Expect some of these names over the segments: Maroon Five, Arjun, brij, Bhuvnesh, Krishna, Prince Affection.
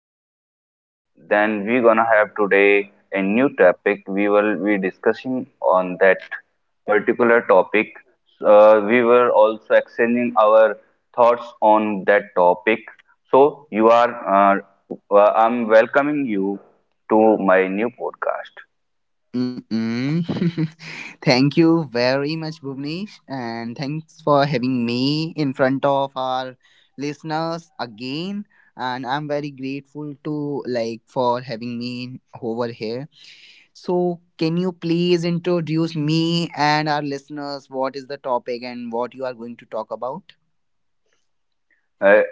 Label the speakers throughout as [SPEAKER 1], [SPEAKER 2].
[SPEAKER 1] podcast. Then we gonna have today a new topic. We will be discussing on that particular topic. So, we were also exchanging our thoughts on that topic. So you are, I'm welcoming you to my new podcast.
[SPEAKER 2] Mm-mm. Thank you very much, Bhuvnesh, and thanks for having me in front of our listeners again. And I'm very grateful to like for having me over here. So, can you please introduce me and our listeners what is the topic and what you are going to talk about?
[SPEAKER 1] Uh,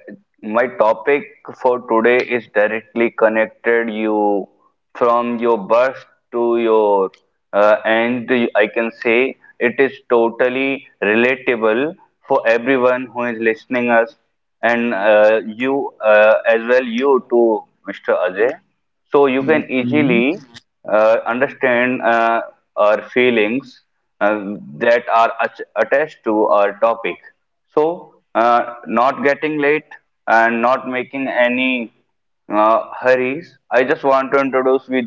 [SPEAKER 1] my topic for today is directly connected you from your birth to your end. I can say it is totally relatable for everyone who is listening us, and you as well you too, Mr. Ajay. So you can
[SPEAKER 2] Mm-mm.
[SPEAKER 1] easily understand our feelings uh, that are attached to our topic. So, not getting late and not making any hurries, I just want to introduce with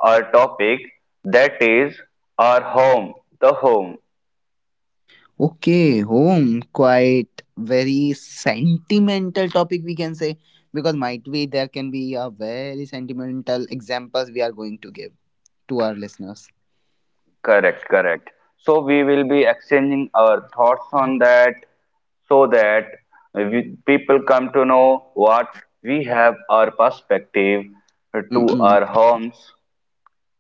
[SPEAKER 1] our topic, that is our home, the home.
[SPEAKER 2] Okay, home, quite very sentimental topic we can say, because might be there can be a very sentimental examples we are going to give to our listeners.
[SPEAKER 1] Correct, correct. So, we will be exchanging our thoughts on that, so that we, people come to know what we have our perspective to
[SPEAKER 2] Mm-mm.
[SPEAKER 1] our homes,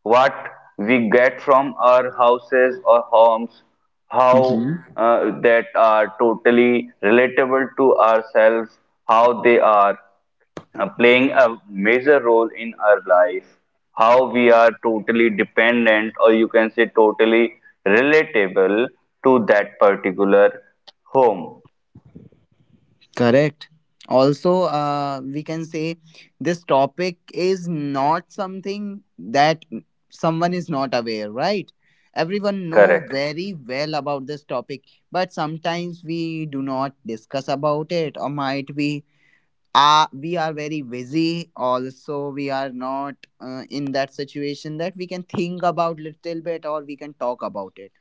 [SPEAKER 1] what we get from our houses or homes, how
[SPEAKER 2] Mm-hmm.
[SPEAKER 1] that are totally relatable to ourselves, how they are playing a major role in our life, how we are totally dependent, or you can say totally relatable to that particular home.
[SPEAKER 2] Correct. Also, we can say topic is not something that someone is not aware, right? Everyone know
[SPEAKER 1] Correct,
[SPEAKER 2] very well about this topic, but sometimes we do not discuss about it, or might we are very busy, also we are not in that situation that we can think about little bit or we can talk about it,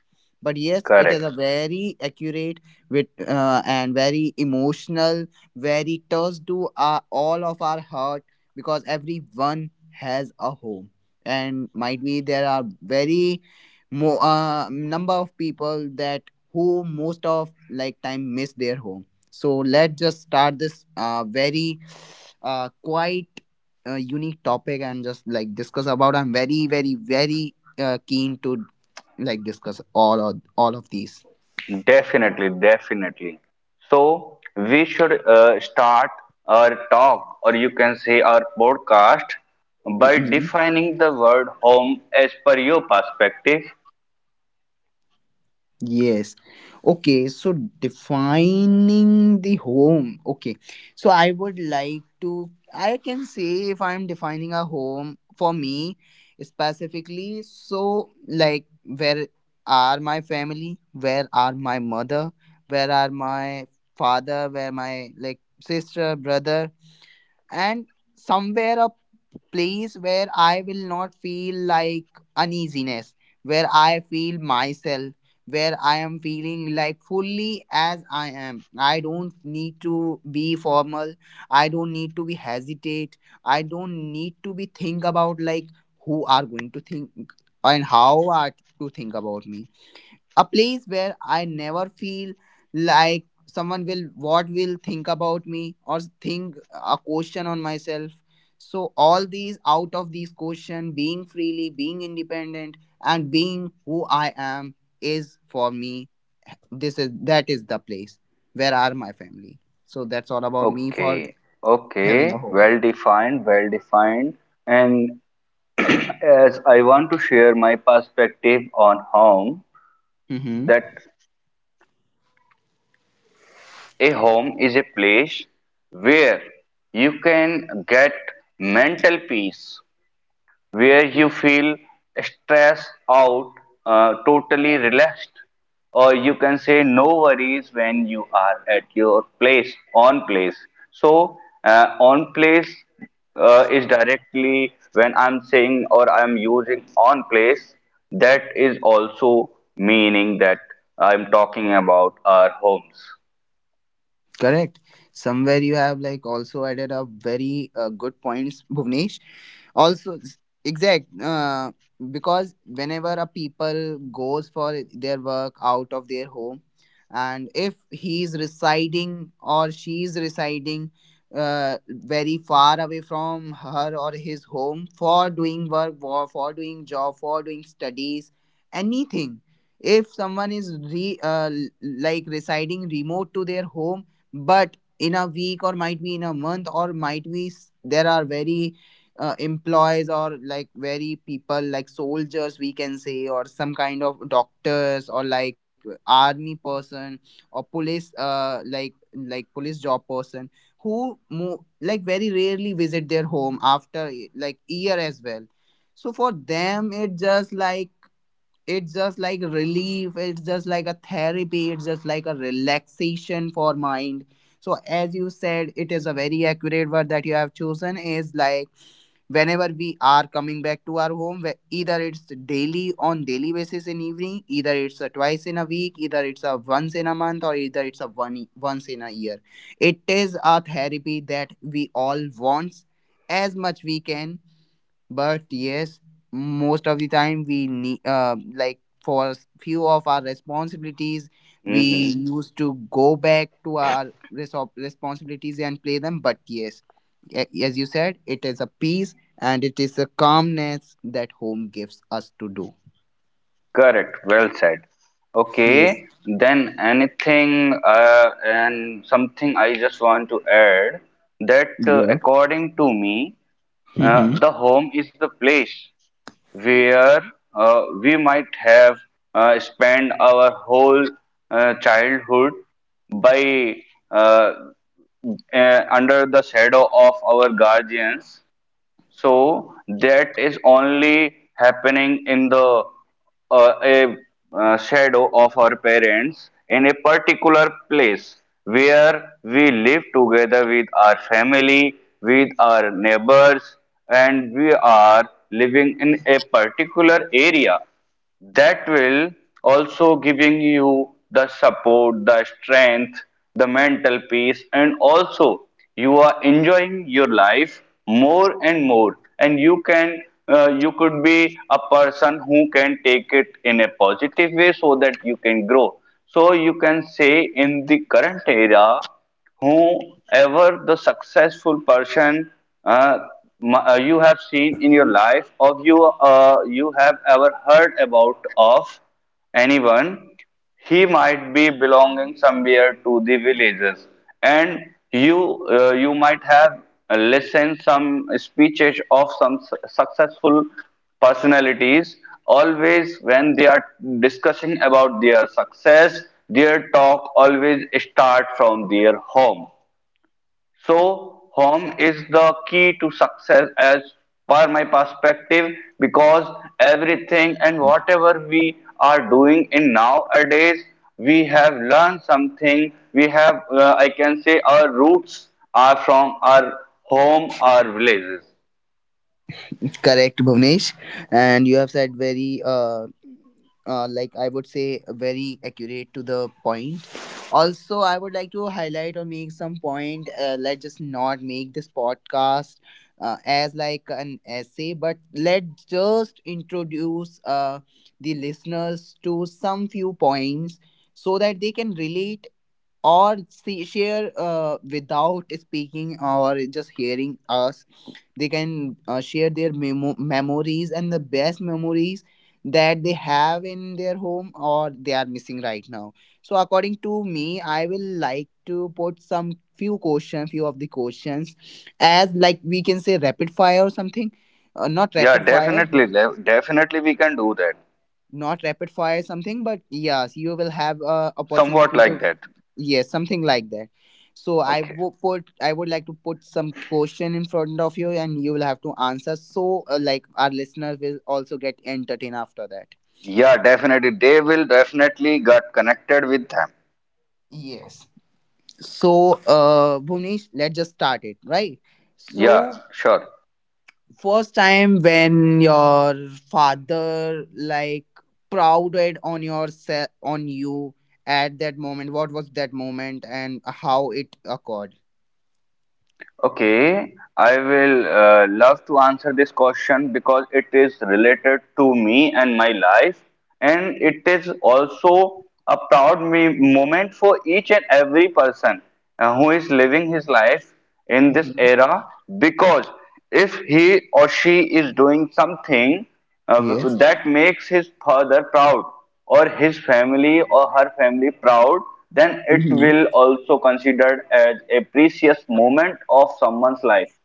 [SPEAKER 2] but yes it is
[SPEAKER 1] correct.
[SPEAKER 2] a very accurate with and very emotional, very touch to all of our heart, because everyone has a home, and might be there are very number of people that who most of like time miss their home. So let's just start this very, quite unique topic and just like discuss about. I'm very, very, very keen to like discuss all of these.
[SPEAKER 1] Definitely, definitely. So we should start our talk, or you can say our podcast, by defining the word home as per your perspective.
[SPEAKER 2] Yes. Okay. So defining the home. Okay. So I would like to, I can say if I'm defining a home for me specifically, so like where are my family? Where are my mother? Where are my father? Where my like sister, brother? And somewhere a place where I will not feel like uneasiness, where I feel myself, where I am feeling like fully as I am. I don't need to be formal. I don't need to be hesitate. I don't need to be think about like who are going to think and how are to think about me, a place where I never feel like someone will what will think about me or think a question on myself. So all these out of these question, being freely, being independent, and being who I am is for me. This is that is the place. Where are my family? So that's all about me for
[SPEAKER 1] Okay,
[SPEAKER 2] having a
[SPEAKER 1] okay,
[SPEAKER 2] home.
[SPEAKER 1] well defined, well defined. And as I want to share my perspective on home,
[SPEAKER 2] Hmm.
[SPEAKER 1] that a home is a place where you can get mental peace, where you feel stressed out, totally relaxed, or you can say no worries when you are at your place, on place. So, on place is directly when I'm saying or I'm using on place, that is also meaning that I'm talking about our homes.
[SPEAKER 2] Correct. Somewhere you have like also added up very good points, Bhuvnesh. Also, exact. Because whenever a people goes for their work out of their home, and if he is residing or she is residing very far away from her or his home for doing work, for doing job, for doing studies, anything. If someone is like residing remote to their home, but in a week or might be in a month or might be there are very employees or like very people like soldiers we can say, or some kind of doctors or like army person or police like police job person who like very rarely visit their home after like year as well. So for them it just like, it's just like relief, it's just like a therapy, it's just like a relaxation for mind. So as you said, it is a very accurate word that you have chosen is like, whenever we are coming back to our home, either it's daily on daily basis in evening, either it's a twice in a week, either it's a once in a month, or either it's a one once in a year, it is a therapy that we all want as much we can. But yes, most of the time we need like for few of our responsibilities, we
[SPEAKER 1] Mhm.
[SPEAKER 2] used to go back to our responsibilities and play them. But yes, as you said, it is a peace and it is a calmness that home gives us to do.
[SPEAKER 1] Correct, well said.
[SPEAKER 2] Yes.
[SPEAKER 1] Okay, then anything and something I just want to add, that
[SPEAKER 2] Yeah.
[SPEAKER 1] according to me,
[SPEAKER 2] Hmm.
[SPEAKER 1] the home is the place where we might have spent our whole childhood by uh, under the shadow of our guardians, so that is only happening in the a shadow of our parents, in a particular place where we live together with our family, with our neighbors, and we are living in a particular area that will also giving you the support, the strength, the mental peace, and also you are enjoying your life more and more. And you could be a person who can take it in a positive way, so that you can grow. So you can say, in the current era, whoever the successful person uh, you have seen in your life, or you have ever heard about of anyone, he might be belonging somewhere to the villages. And you you might have listened some speeches of some successful personalities. Always when they are discussing about their success, their talk always start from their home. So home is the key to success, as per my perspective, because everything and whatever we are doing in nowadays, we have learned something. We have I can say our roots are from our home, our villages.
[SPEAKER 2] Correct, Bhuvnesh, and you have said very like I would say, very accurate to the point. Also, I would like to highlight or make some point. Let's just not make this podcast as like an essay, but let's just introduce the listeners to some few points so that they can relate or see, share without speaking or just hearing us, they can share their memories and the best memories that they have in their home or they are missing right now. So according to me, I will like to put some few questions, few of the questions, as like we can say rapid fire or something. Not
[SPEAKER 1] Yeah,
[SPEAKER 2] rapid fire,
[SPEAKER 1] definitely. Definitely we can do that.
[SPEAKER 2] not rapid fire something, but yes you will have a
[SPEAKER 1] Somewhat
[SPEAKER 2] opportunity
[SPEAKER 1] like
[SPEAKER 2] to,
[SPEAKER 1] that.
[SPEAKER 2] yes something like that. So I
[SPEAKER 1] Okay.
[SPEAKER 2] would put, I would like to put some question in front of you and you will have to answer, so like our listeners will also get entertained after that.
[SPEAKER 1] Yeah, definitely. They will definitely get connected with them.
[SPEAKER 2] Yes. So Bhuvnesh, let's just start it, right? So
[SPEAKER 1] Yeah, sure.
[SPEAKER 2] first time when your father like prouded on yourself on you, at that moment what was that moment and how it occurred?
[SPEAKER 1] Okay. I will love to answer this question, because it is related to me and my life, and it is also a proud me moment for each and every person who is living his life in this
[SPEAKER 2] Hmm.
[SPEAKER 1] era. Because if he or she is doing something
[SPEAKER 2] Yes.
[SPEAKER 1] that makes his father proud, or his family or her family proud, then it
[SPEAKER 2] Mm-hmm.
[SPEAKER 1] will also considered as a precious moment of someone's life.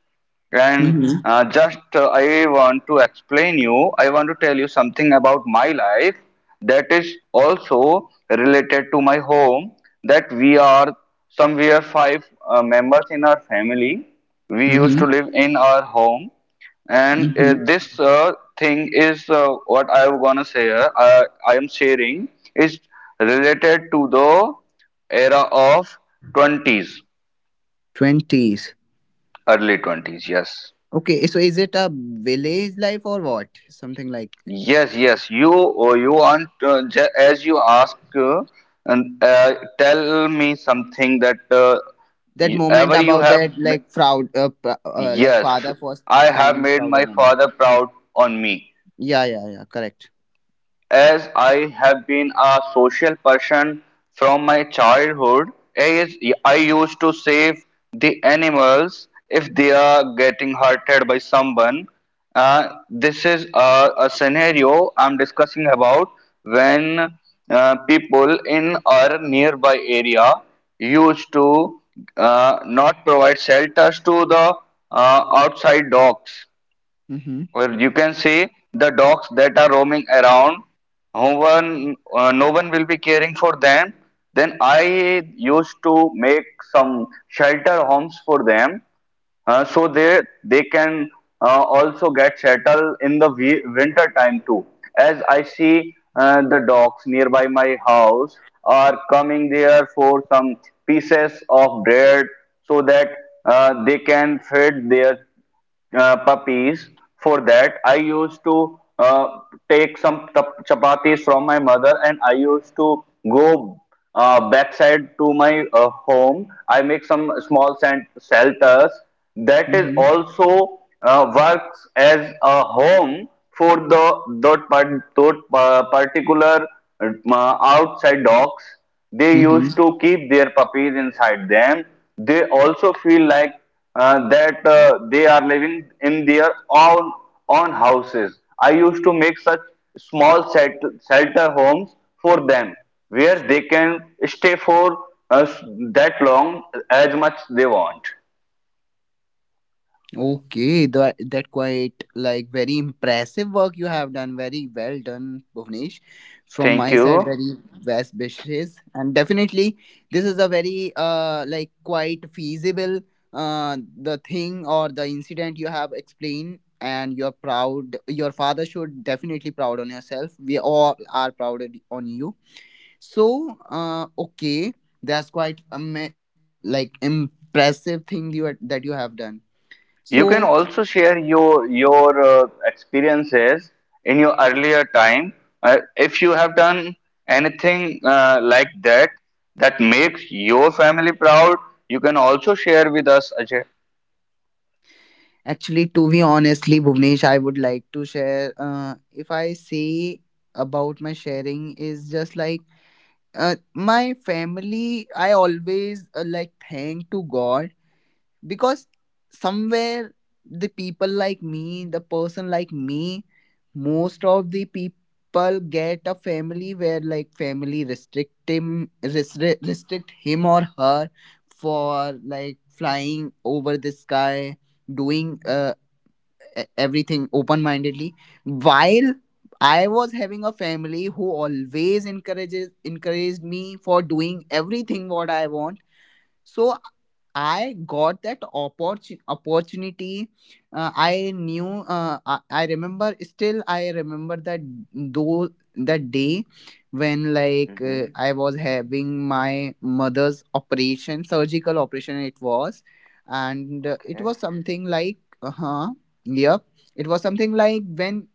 [SPEAKER 1] And
[SPEAKER 2] Mm-hmm.
[SPEAKER 1] just I want to tell you something about my life, that is also related to my home, that we are somewhere five members in our family. We used to
[SPEAKER 2] Mm-hmm.
[SPEAKER 1] live in our home. And
[SPEAKER 2] Mm-hmm.
[SPEAKER 1] this thing is what I am gonna say. I am sharing is related to the era of 20s,
[SPEAKER 2] 20s.
[SPEAKER 1] early 20s. Yes,
[SPEAKER 2] Okay, so is it a village life or what, something like
[SPEAKER 1] yes, yes. You, oh, you want as you ask, and tell me something that
[SPEAKER 2] that
[SPEAKER 1] you,
[SPEAKER 2] moment
[SPEAKER 1] ever you
[SPEAKER 2] about
[SPEAKER 1] have.
[SPEAKER 2] that like proud like
[SPEAKER 1] Yes,
[SPEAKER 2] father first
[SPEAKER 1] I have
[SPEAKER 2] time
[SPEAKER 1] made my
[SPEAKER 2] prouded on
[SPEAKER 1] father proud on me.
[SPEAKER 2] you? Yeah, yeah, yeah, correct.
[SPEAKER 1] As I have been a social person from my childhood, as I used to save the animals if they are getting hurted by someone. This is a scenario I'm discussing about, when people in our nearby area used to not provide shelters to the outside dogs,
[SPEAKER 2] Mm-hmm.
[SPEAKER 1] or you can see the dogs that are roaming around. No one will be caring for them. Then I used to make some shelter homes for them, so they can also get settled in the winter time too. As I see the dogs nearby my house are coming there for some pieces of bread, so that they can feed their puppies. For that, I used to take some chapatis from my mother, and I used to go backside to my home. I make some small shelters. That is
[SPEAKER 2] Mm-hmm.
[SPEAKER 1] also works as a home for that particular outside dogs. They used to keep their puppies inside them. They also feel like that they are living in their own houses. I used to make such small shelter homes for them, where they can stay for us that long as much they want.
[SPEAKER 2] Okay, that that quite like very impressive work you have done. Very well done, Bhuvnesh. From my
[SPEAKER 1] Thank
[SPEAKER 2] side,
[SPEAKER 1] you.
[SPEAKER 2] very best wishes, and definitely this is a very like quite feasible the thing or the incident you have explained, and you're proud. Your father should definitely proud on yourself. We all are proud on you. So okay, that's quite like impressive thing you that you have done.
[SPEAKER 1] You can
[SPEAKER 2] So
[SPEAKER 1] also share your experiences in your earlier time. Uh, if you have done anything like that that makes your family proud, you can also share with us, Ajay.
[SPEAKER 2] actually, to be honestly, Bhuvnesh, I would like to share. If I say about my sharing, is just like my family. I always like thank to God, because somewhere the people like me, the person like me, most of the people get a family where like family restrict him, restrict him or her for like flying over the sky, doing everything open mindedly, while I was having a family who always encourages encouraged me for doing everything what I want. So I got that opportunity. I knew I remember, still I remember that, though, that day when like
[SPEAKER 1] Mm-hmm.
[SPEAKER 2] I was having my mother's operation, surgical operation it was. And it
[SPEAKER 1] Okay.
[SPEAKER 2] was something like uh-huh. Yep, it was something like when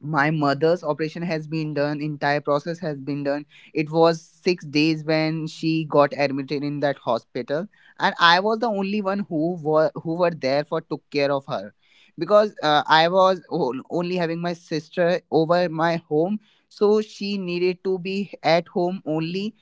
[SPEAKER 2] my mother's operation has been done, entire process has been done, it was 6 days when she got admitted in that hospital. And I was the only one who were there for took care of her, because I was only having my sister over my home, so she needed to be at home only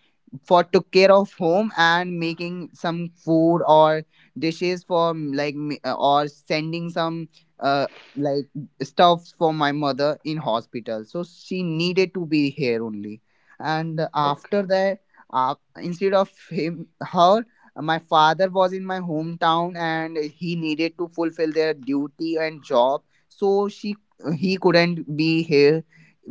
[SPEAKER 2] for took care of home and making some food or dishes for like or sending some uh like stuffs for my mother in hospital, so she needed to be here only. And after
[SPEAKER 1] Okay.
[SPEAKER 2] that, uh, instead of him, her, my father was in my hometown and he needed to fulfill their duty and job, so she he couldn't be here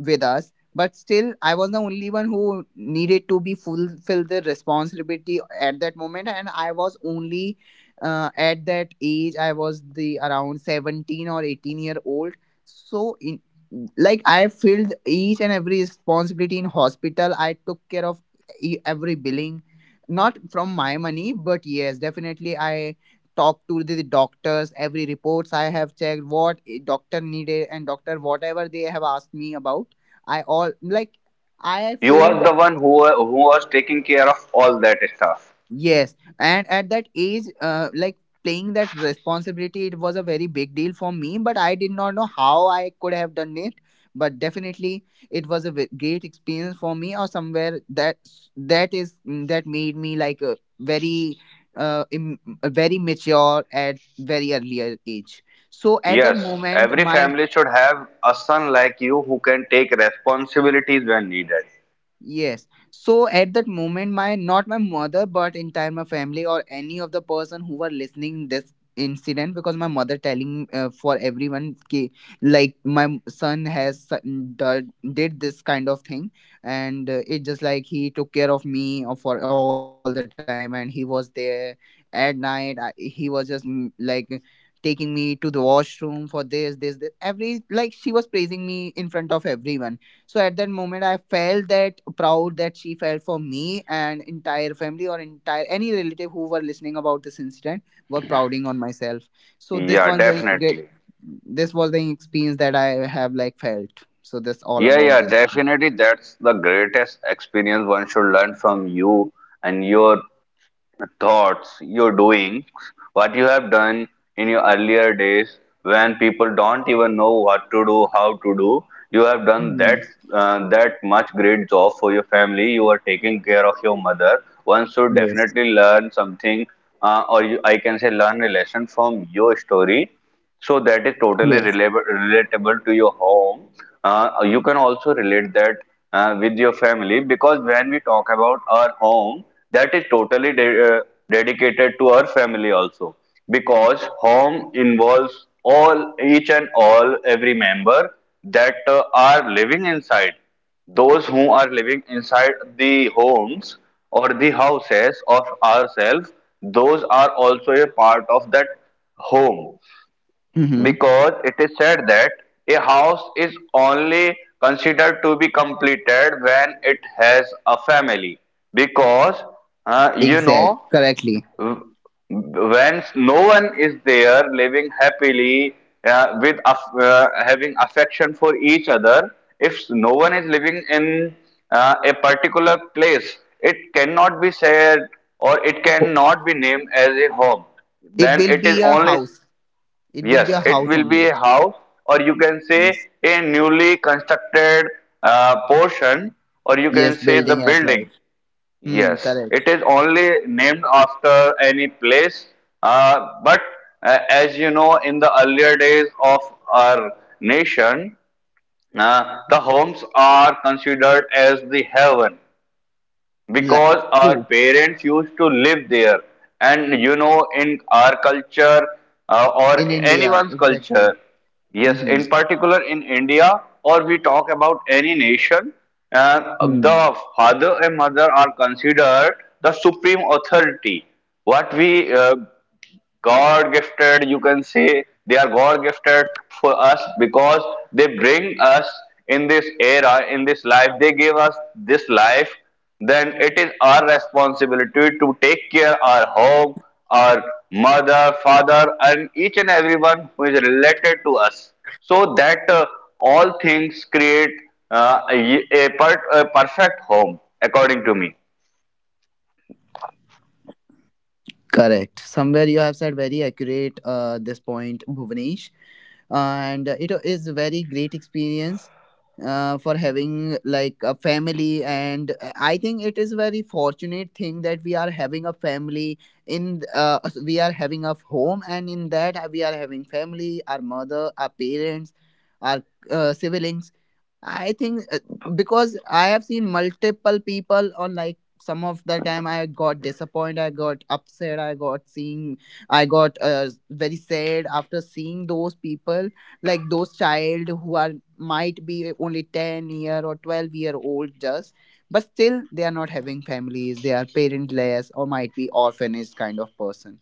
[SPEAKER 2] with us. But still I was the only one who needed to be fulfill the responsibility at that moment, and I was only, at that age I was the around 17 or 18-year old. So in, like, I filled each and every responsibility in hospital, I took care of every billing, not from my money, but yes definitely I talked to the doctors, every reports I have checked what doctor needed and doctor whatever they have asked me about, I all like I
[SPEAKER 1] You
[SPEAKER 2] felt.
[SPEAKER 1] are the one who was taking care of all that stuff.
[SPEAKER 2] Yes, and at that age, like playing that responsibility, it was a very big deal for me. But I did not know how I could have done it. But definitely, it was a great experience for me, or somewhere that, that is, that made me like a very very mature at very earlier age. So at that
[SPEAKER 1] Yes,
[SPEAKER 2] moment
[SPEAKER 1] every
[SPEAKER 2] my
[SPEAKER 1] family should have a son like you who can take responsibilities when needed.
[SPEAKER 2] Yes. So at that moment, my not my mother, but entire my family or any of the person who were listening this incident, because my mother telling for everyone ki, like my son has did this kind of thing, and it just like he took care of me or for all the time and he was there at night, he was just like taking me to the washroom for this this this, every like she was praising me in front of everyone. So at that moment I felt that proud that she felt for me, and entire family or entire any relative who were listening about this incident were prouding on myself. So this
[SPEAKER 1] Yeah,
[SPEAKER 2] one's a great,
[SPEAKER 1] definitely.
[SPEAKER 2] this was the experience that I have like felt. So that's all
[SPEAKER 1] Yeah,
[SPEAKER 2] about
[SPEAKER 1] yeah,
[SPEAKER 2] this.
[SPEAKER 1] definitely. That's the greatest experience one should learn from you and your thoughts, your doings, what you have done in your earlier days when people don't even know what to do, how to do. You have done that
[SPEAKER 2] Hmm.
[SPEAKER 1] uh, that much great job for your family. You are taking care of your mother. One should
[SPEAKER 2] Yes.
[SPEAKER 1] definitely learn something, or you, I can say, learn a lesson from your story, so that is
[SPEAKER 2] Yes.
[SPEAKER 1] totally relatable to your home. You can also relate that with your family, because when we talk about our home, that is totally dedicated to our family also, because home involves all each and all every member that are living inside. Those who are living inside the homes or the houses of ourselves, those are also a part of that home,
[SPEAKER 2] Mm-hmm.
[SPEAKER 1] because it is said that a house is only considered to be completed when it has a family, because you
[SPEAKER 2] Exact
[SPEAKER 1] know,
[SPEAKER 2] correctly.
[SPEAKER 1] when no one is there living happily, having affection for each other, if no one is living in a particular place, it cannot be said or it cannot be named as a home,
[SPEAKER 2] It
[SPEAKER 1] then
[SPEAKER 2] will
[SPEAKER 1] it
[SPEAKER 2] be
[SPEAKER 1] is
[SPEAKER 2] a
[SPEAKER 1] only.
[SPEAKER 2] house. It will be
[SPEAKER 1] Yes,
[SPEAKER 2] a
[SPEAKER 1] it
[SPEAKER 2] house
[SPEAKER 1] will be
[SPEAKER 2] only.
[SPEAKER 1] a house, or you can say
[SPEAKER 2] Yes,
[SPEAKER 1] a newly constructed portion, or you can
[SPEAKER 2] yes,
[SPEAKER 1] say the
[SPEAKER 2] building as
[SPEAKER 1] building.
[SPEAKER 2] life. Hmm,
[SPEAKER 1] Yes, it
[SPEAKER 2] correct.
[SPEAKER 1] is only named after any place, but as you know, in the earlier days of our nation, the homes are considered as the heaven,
[SPEAKER 2] Li-
[SPEAKER 1] because
[SPEAKER 2] true.
[SPEAKER 1] our parents used to live there. And you know, in our culture or
[SPEAKER 2] In India,
[SPEAKER 1] anyone's
[SPEAKER 2] exactly.
[SPEAKER 1] culture, yes,
[SPEAKER 2] Mm-hmm.
[SPEAKER 1] in particular in India, or we talk about any nation, uh, the father and mother are considered the supreme authority, what we God gifted, you can say they are God gifted for us, because they bring us in this era, in this life. They gave us this life. Then it is our responsibility to take care of our home, our mother, father, and each and everyone who is related to us, so that all things create a perfect home, according to me.
[SPEAKER 2] Correct. Somewhere you have said very accurate this point, Bhuvnesh, and it is very great experience for having like a family, and I think it is very fortunate thing that we are having a family, in we are having a home, and in that we are having family, our mother, our parents, our siblings. I think Because I have seen multiple people, or like some of the time I got disappointed, I got upset, I got seeing. I got very sad after seeing those people, like those child who are might be only 10 year or 12-year-old just, but still they are not having families, they are parentless or might be orphanage kind of person.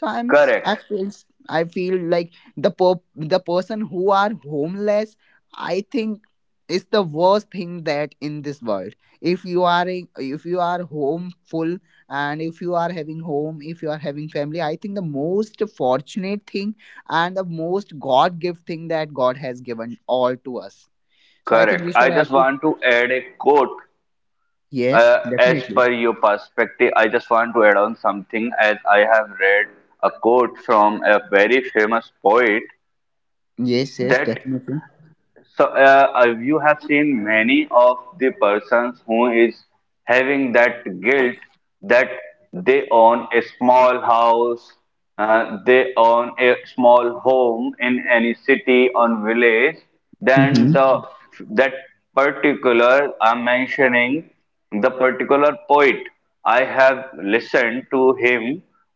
[SPEAKER 2] So
[SPEAKER 1] Correct,
[SPEAKER 2] I feel like the person who are homeless, I think, is the worst thing that in this world. If you are in, if you are home full, and if you are having home, if you are having family, I think the most fortunate thing and the most god gift thing that god has given all to us. So I think
[SPEAKER 1] correct.
[SPEAKER 2] we
[SPEAKER 1] I
[SPEAKER 2] should
[SPEAKER 1] just
[SPEAKER 2] have to.
[SPEAKER 1] want to add a quote.
[SPEAKER 2] Yes,
[SPEAKER 1] As
[SPEAKER 2] definitely.
[SPEAKER 1] per your perspective, I just want to add on something. As I have read a quote from a very famous poet,
[SPEAKER 2] Yes, yes,
[SPEAKER 1] that
[SPEAKER 2] definitely.
[SPEAKER 1] so you have seen many of the persons who is having that guilt that they own a small house, they own a small home in any city or village. then the
[SPEAKER 2] Hmm.
[SPEAKER 1] that particular, I'm mentioning the particular poet, I have listened to him.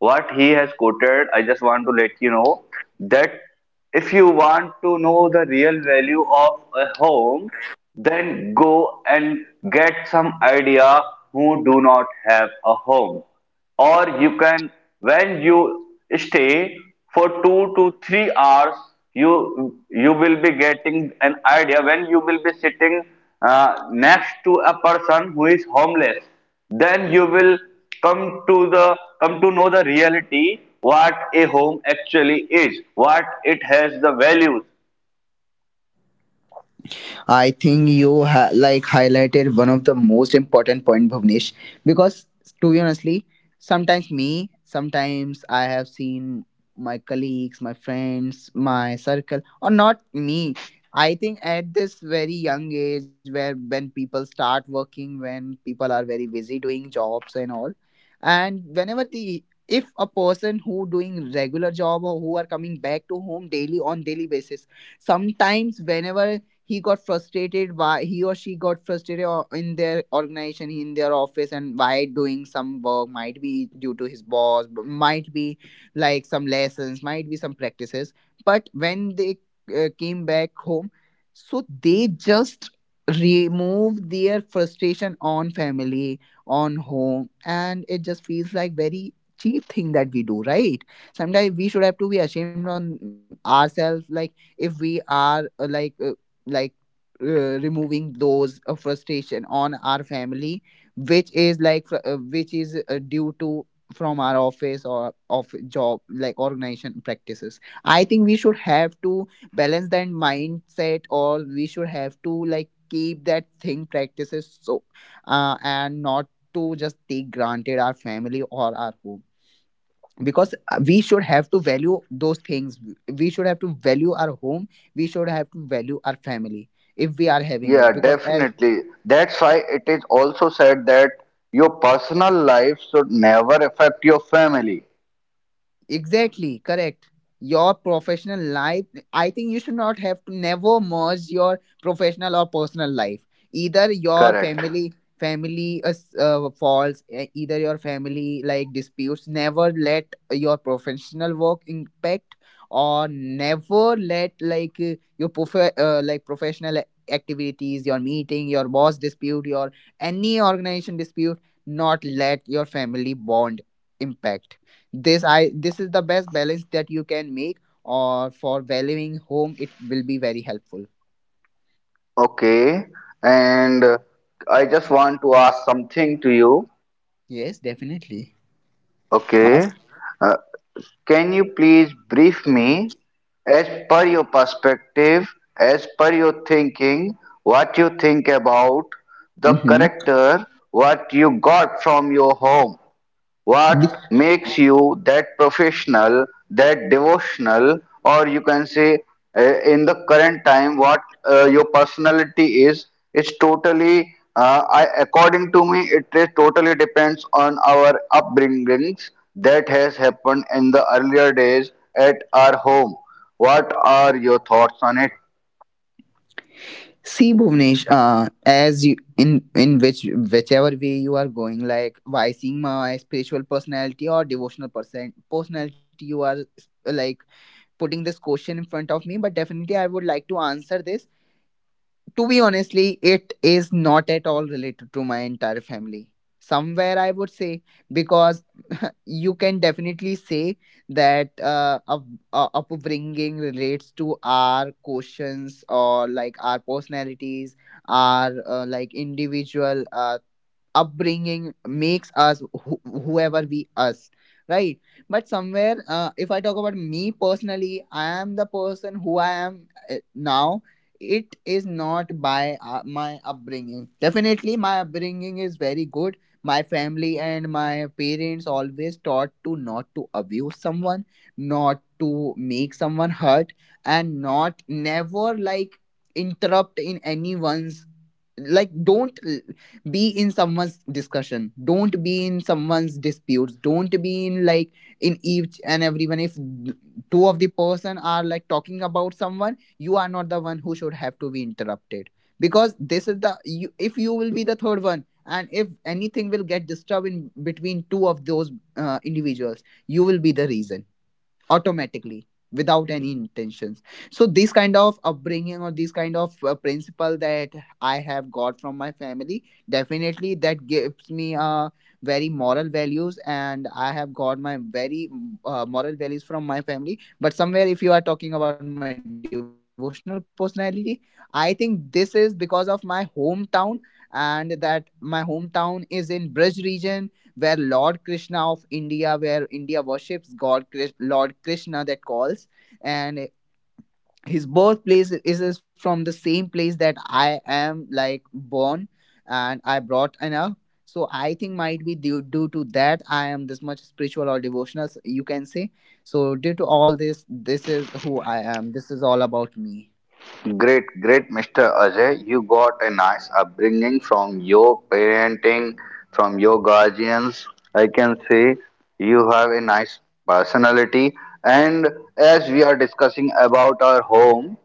[SPEAKER 1] What he has quoted, I just want to let you know that if you want to know the real value of a home, then go and get some idea who do not have a home. Or you can, when you stay for 2 to 3 hours, you will be getting an idea when you will be sitting next to a person who is homeless, then you will come to the come to know the reality, what a home actually is, what it has the values.
[SPEAKER 2] I think you like highlighted one of the most important point, Bhavnesh, because to be honestly, sometimes me, sometimes I have seen my colleagues, my friends, my circle, or not me. I think at this very young age, where when people start working, when people are very busy doing jobs and all, and whenever the if a person who doing regular job or who are coming back to home daily on daily basis, sometimes whenever he got frustrated, why he or she got frustrated, or in their organization in their office, and why doing some work, might be due to his boss, might be like some lessons, might be some practices. But when they came back home, so they just remove their frustration on family, on home, and it just feels like very cheap thing that we do, right? Sometimes we should have to be ashamed on ourselves, like if we are like removing those frustration on our family, which is like which is due to from our office or of job like organization practices. I think we should have to balance that mindset, or we should have to like keep that thing practices. So and not to just take granted our family or our home, because we should have to value those things, we should have to value our home, we should have to value our family if we are having
[SPEAKER 1] Yeah,
[SPEAKER 2] it, because as.
[SPEAKER 1] definitely. That's why it is also said that your personal life should never affect your family.
[SPEAKER 2] Exactly, correct. Your professional life, I think you should not have to never merge your professional or personal life. Either your
[SPEAKER 1] Correct.
[SPEAKER 2] family falls, either your family like disputes. Never let your professional work impact, or never let like your like professional activities, your meeting, your boss dispute, your any organization dispute. Not let your family bond impact. This i this is the best balance that you can make, or for valuing home it will be very helpful.
[SPEAKER 1] Okay, and uh, I just want to ask something to you.
[SPEAKER 2] Yes, definitely.
[SPEAKER 1] Okay,
[SPEAKER 2] Ask.
[SPEAKER 1] uh, can you please brief me, as per your perspective, as per your thinking, what you think about the
[SPEAKER 2] Mm-hmm.
[SPEAKER 1] character, what you got from your home?
[SPEAKER 2] The-
[SPEAKER 1] What makes you that professional, that devotional, or you can say, in the current time, what your personality is? It's totally, I, according to me, it is totally depends on our upbringings that has happened in the earlier days at our home. What are your thoughts on it?
[SPEAKER 2] See Bhuvnesh, as you in which whichever way you are going, like by seeing my spiritual personality or devotional personality, you are like putting this question in front of me, but definitely I would like to answer this. To be honestly, it is not at all related to my entire family, somewhere I would say, because you can definitely say that upbringing relates to our questions or like our personalities, our like individual upbringing makes us whoever we us, right? But somewhere if I talk about me personally, I am the person who I am, uh, now. It is not by my upbringing. Definitely my upbringing is very good. My family and my parents always taught to not to abuse someone, not to make someone hurt, and not never like interrupt in anyone's, like don't l- be in someone's discussion, don't be in someone's disputes, don't be in like in each and everyone. If two of the person are like talking about someone, you are not the one who should have to be interrupted, because this is the you, if you will be the third one, and if anything will get disturbed in between two of those individuals, you will be the reason, automatically, without any intentions. So this kind of upbringing or this kind of principle that I have got from my family, definitely that gives me very moral values, and I have got my very moral values from my family. But somewhere if you are talking about my devotional personality, I think this is because of my hometown, and that my hometown is in Brij region, where Lord Krishna of India, where India worships God, Lord Krishna that calls, and his birthplace is from the same place that I am like born and I brought enough. So I think might be due to that I am this much spiritual or devotional, you can say. So due to all this, this is who I am. This is all about me.
[SPEAKER 1] Great, great, Mr. Ajay. You got a nice upbringing from your parenting, from your guardians. I can say you have a nice personality. And as we are discussing about our home,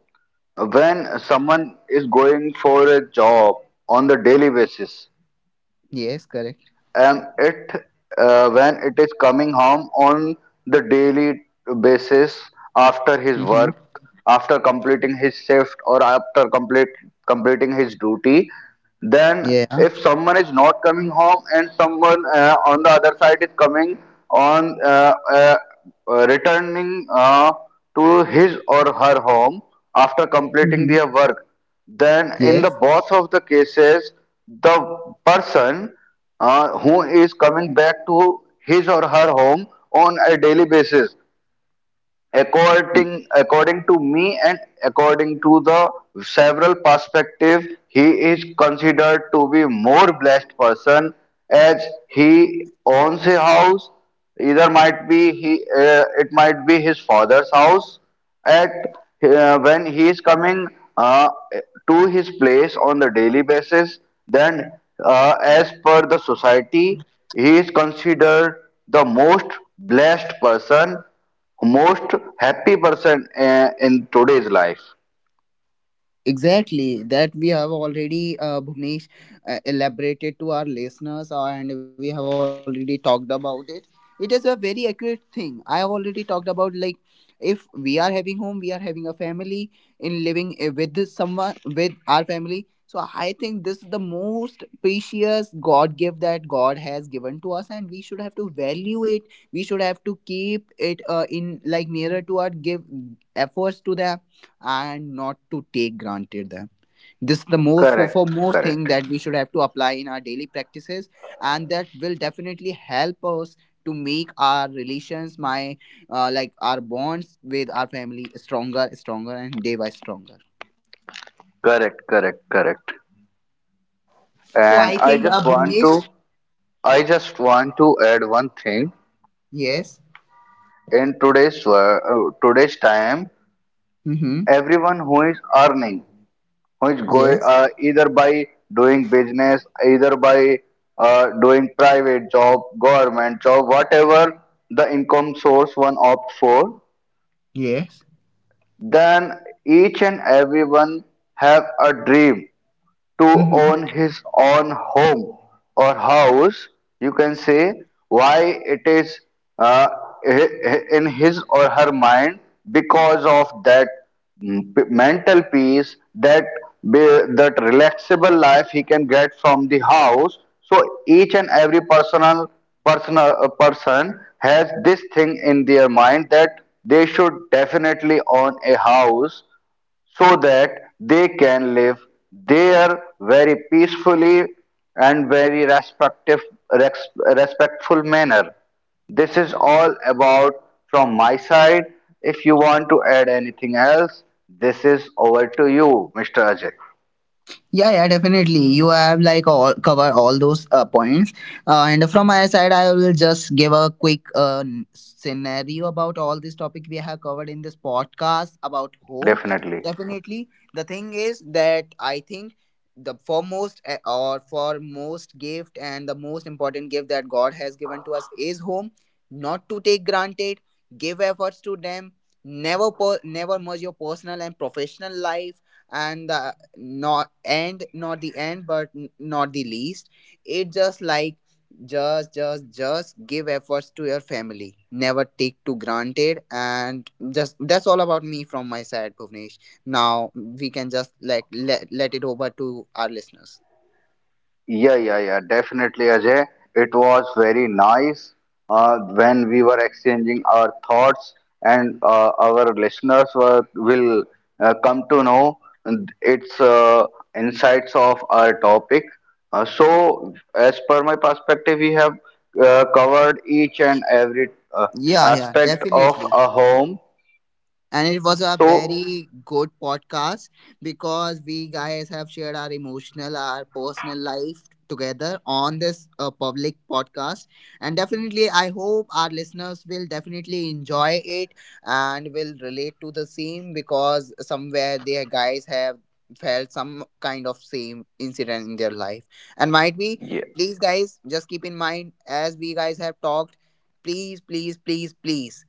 [SPEAKER 1] when someone is going for a job on the daily basis,
[SPEAKER 2] Yes, correct.
[SPEAKER 1] and it, when it is coming home on the daily basis after his work,
[SPEAKER 2] Mm-hmm.
[SPEAKER 1] after completing his shift, or after complete completing his duty, then if someone
[SPEAKER 2] Yeah.
[SPEAKER 1] is not coming home, and someone on the other side is coming on returning to his or home after, then in
[SPEAKER 2] Yes.
[SPEAKER 1] the best, the person who is to his or her home on a daily basis. According to me, and according to the several perspective, he is considered to be more blessed person, as he owns a house. Either might be he, it might be his father's house. At when he is coming uh, to his place on the daily basis, then as per the society, he is considered the most blessed person, most happy person in today's life.
[SPEAKER 2] Exactly, that we have already, Bhuvnesh, elaborated to our listeners, and we have already talked about it. It is a very accurate thing. I have already talked about, like if we are having home, we are having a family, in living with someone with our family. So I think this is the most precious God gift that God has given to us, and we should have to value it. We should have to keep it in like nearer to our, give efforts to that, and not to take granted them. This is the more
[SPEAKER 1] Correct,
[SPEAKER 2] for more thing
[SPEAKER 1] correct,
[SPEAKER 2] that we should have to apply in our daily practices, and that will definitely help us to make our relations my like our bonds with our family stronger, stronger, and day by stronger.
[SPEAKER 1] correct, correct, correct.
[SPEAKER 2] So
[SPEAKER 1] And
[SPEAKER 2] I
[SPEAKER 1] I
[SPEAKER 2] think
[SPEAKER 1] just want to,
[SPEAKER 2] Bhuvnesh.
[SPEAKER 1] I just want to add one thing.
[SPEAKER 2] Yes.
[SPEAKER 1] In today's today's time,
[SPEAKER 2] Mm-hmm.
[SPEAKER 1] everyone who is earning, who is going
[SPEAKER 2] Yes,
[SPEAKER 1] either by doing business, either by doing private job, government job, whatever the income source one opt for,
[SPEAKER 2] yes.
[SPEAKER 1] then each and everyone have a dream to own
[SPEAKER 2] Mm-hmm.
[SPEAKER 1] his own home or house, you can say. Why it is uh, in his or her mind? Because of that, mm, mental peace, that, relaxable life he can get from the house. So each and every personal person has this thing in their mind, that they should definitely own a house so that they can live there very peacefully and very res- respectful manner. This is all about from my side. If you want to add anything else, this is over to you, Mr. Ajay.
[SPEAKER 2] Yeah, yeah, definitely. You have like all cover all those points, and from my side, I will just give a quick scenario about all this topic we have covered in this podcast about home.
[SPEAKER 1] Definitely.
[SPEAKER 2] Definitely, the thing is that I think the foremost or foremost gift and the most important gift that God has given to us is home. Not to take granted. Give efforts to them. Never, never merge your personal and professional life, and the not and not the end but not the least. It just like just give efforts to your family, never take to granted, and just that's all about me from my side, Bhuvnesh. Now we can just like let it over to our listeners.
[SPEAKER 1] Yeah, yeah, yeah, definitely, Ajay. It was very nice when we were exchanging our thoughts, and our listeners were, will come to know its insights of our topic. So, as per my perspective, we have covered each and every
[SPEAKER 2] Yeah, yeah,
[SPEAKER 1] aspect of
[SPEAKER 2] definitely.
[SPEAKER 1] a home.
[SPEAKER 2] And it was a
[SPEAKER 1] So,
[SPEAKER 2] very good podcast, because we guys have shared our emotional, our personal life together on this public podcast, and definitely I hope our listeners will definitely enjoy it, and will relate to the same, because somewhere their guys have felt some kind of same incident in their life, and might be,
[SPEAKER 1] yeah,
[SPEAKER 2] please guys just keep in mind, as we guys have talked, please please please please,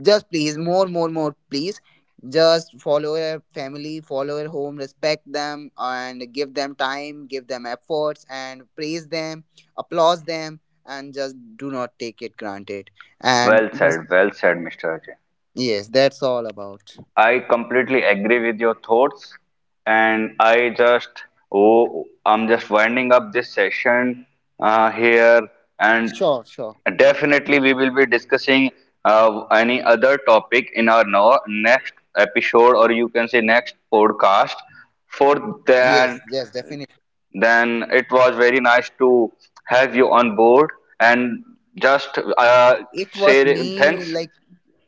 [SPEAKER 2] just please, more, more, more, please. Just follow your family, follow your home, respect them, and give them time, give them efforts, and praise them, applause them, and just do not take it granted. And just,
[SPEAKER 1] well said, Mr. Ajay.
[SPEAKER 2] yes, that's all about.
[SPEAKER 1] I completely agree with your thoughts. And I just, oh, I'm just winding up this session here, and
[SPEAKER 2] Sure, sure.
[SPEAKER 1] definitely we will be discussing any other topic in our next episode, or you can say next podcast. For
[SPEAKER 2] Yes, yes, definitely.
[SPEAKER 1] then it was very nice to have you on board, and just
[SPEAKER 2] It was
[SPEAKER 1] say
[SPEAKER 2] me,
[SPEAKER 1] thanks.
[SPEAKER 2] like,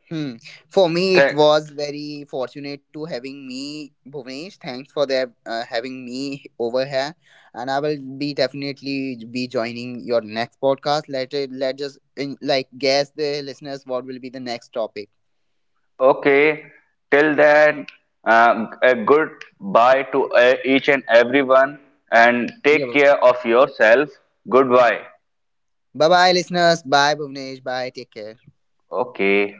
[SPEAKER 2] hmm. For me, it
[SPEAKER 1] Thank—
[SPEAKER 2] was very fortunate to having me, Bhuvnesh. Thanks for the, having me over here, and I will be definitely be joining your next podcast. Let just in, like guess the listeners what will be the next topic.
[SPEAKER 1] Okay, till then, a good bye to each and everyone, and take
[SPEAKER 2] Yeah.
[SPEAKER 1] care of yourself. Goodbye.
[SPEAKER 2] Bye bye, listeners. Bye, Bhuvnesh. Bye. Take care.
[SPEAKER 1] Okay.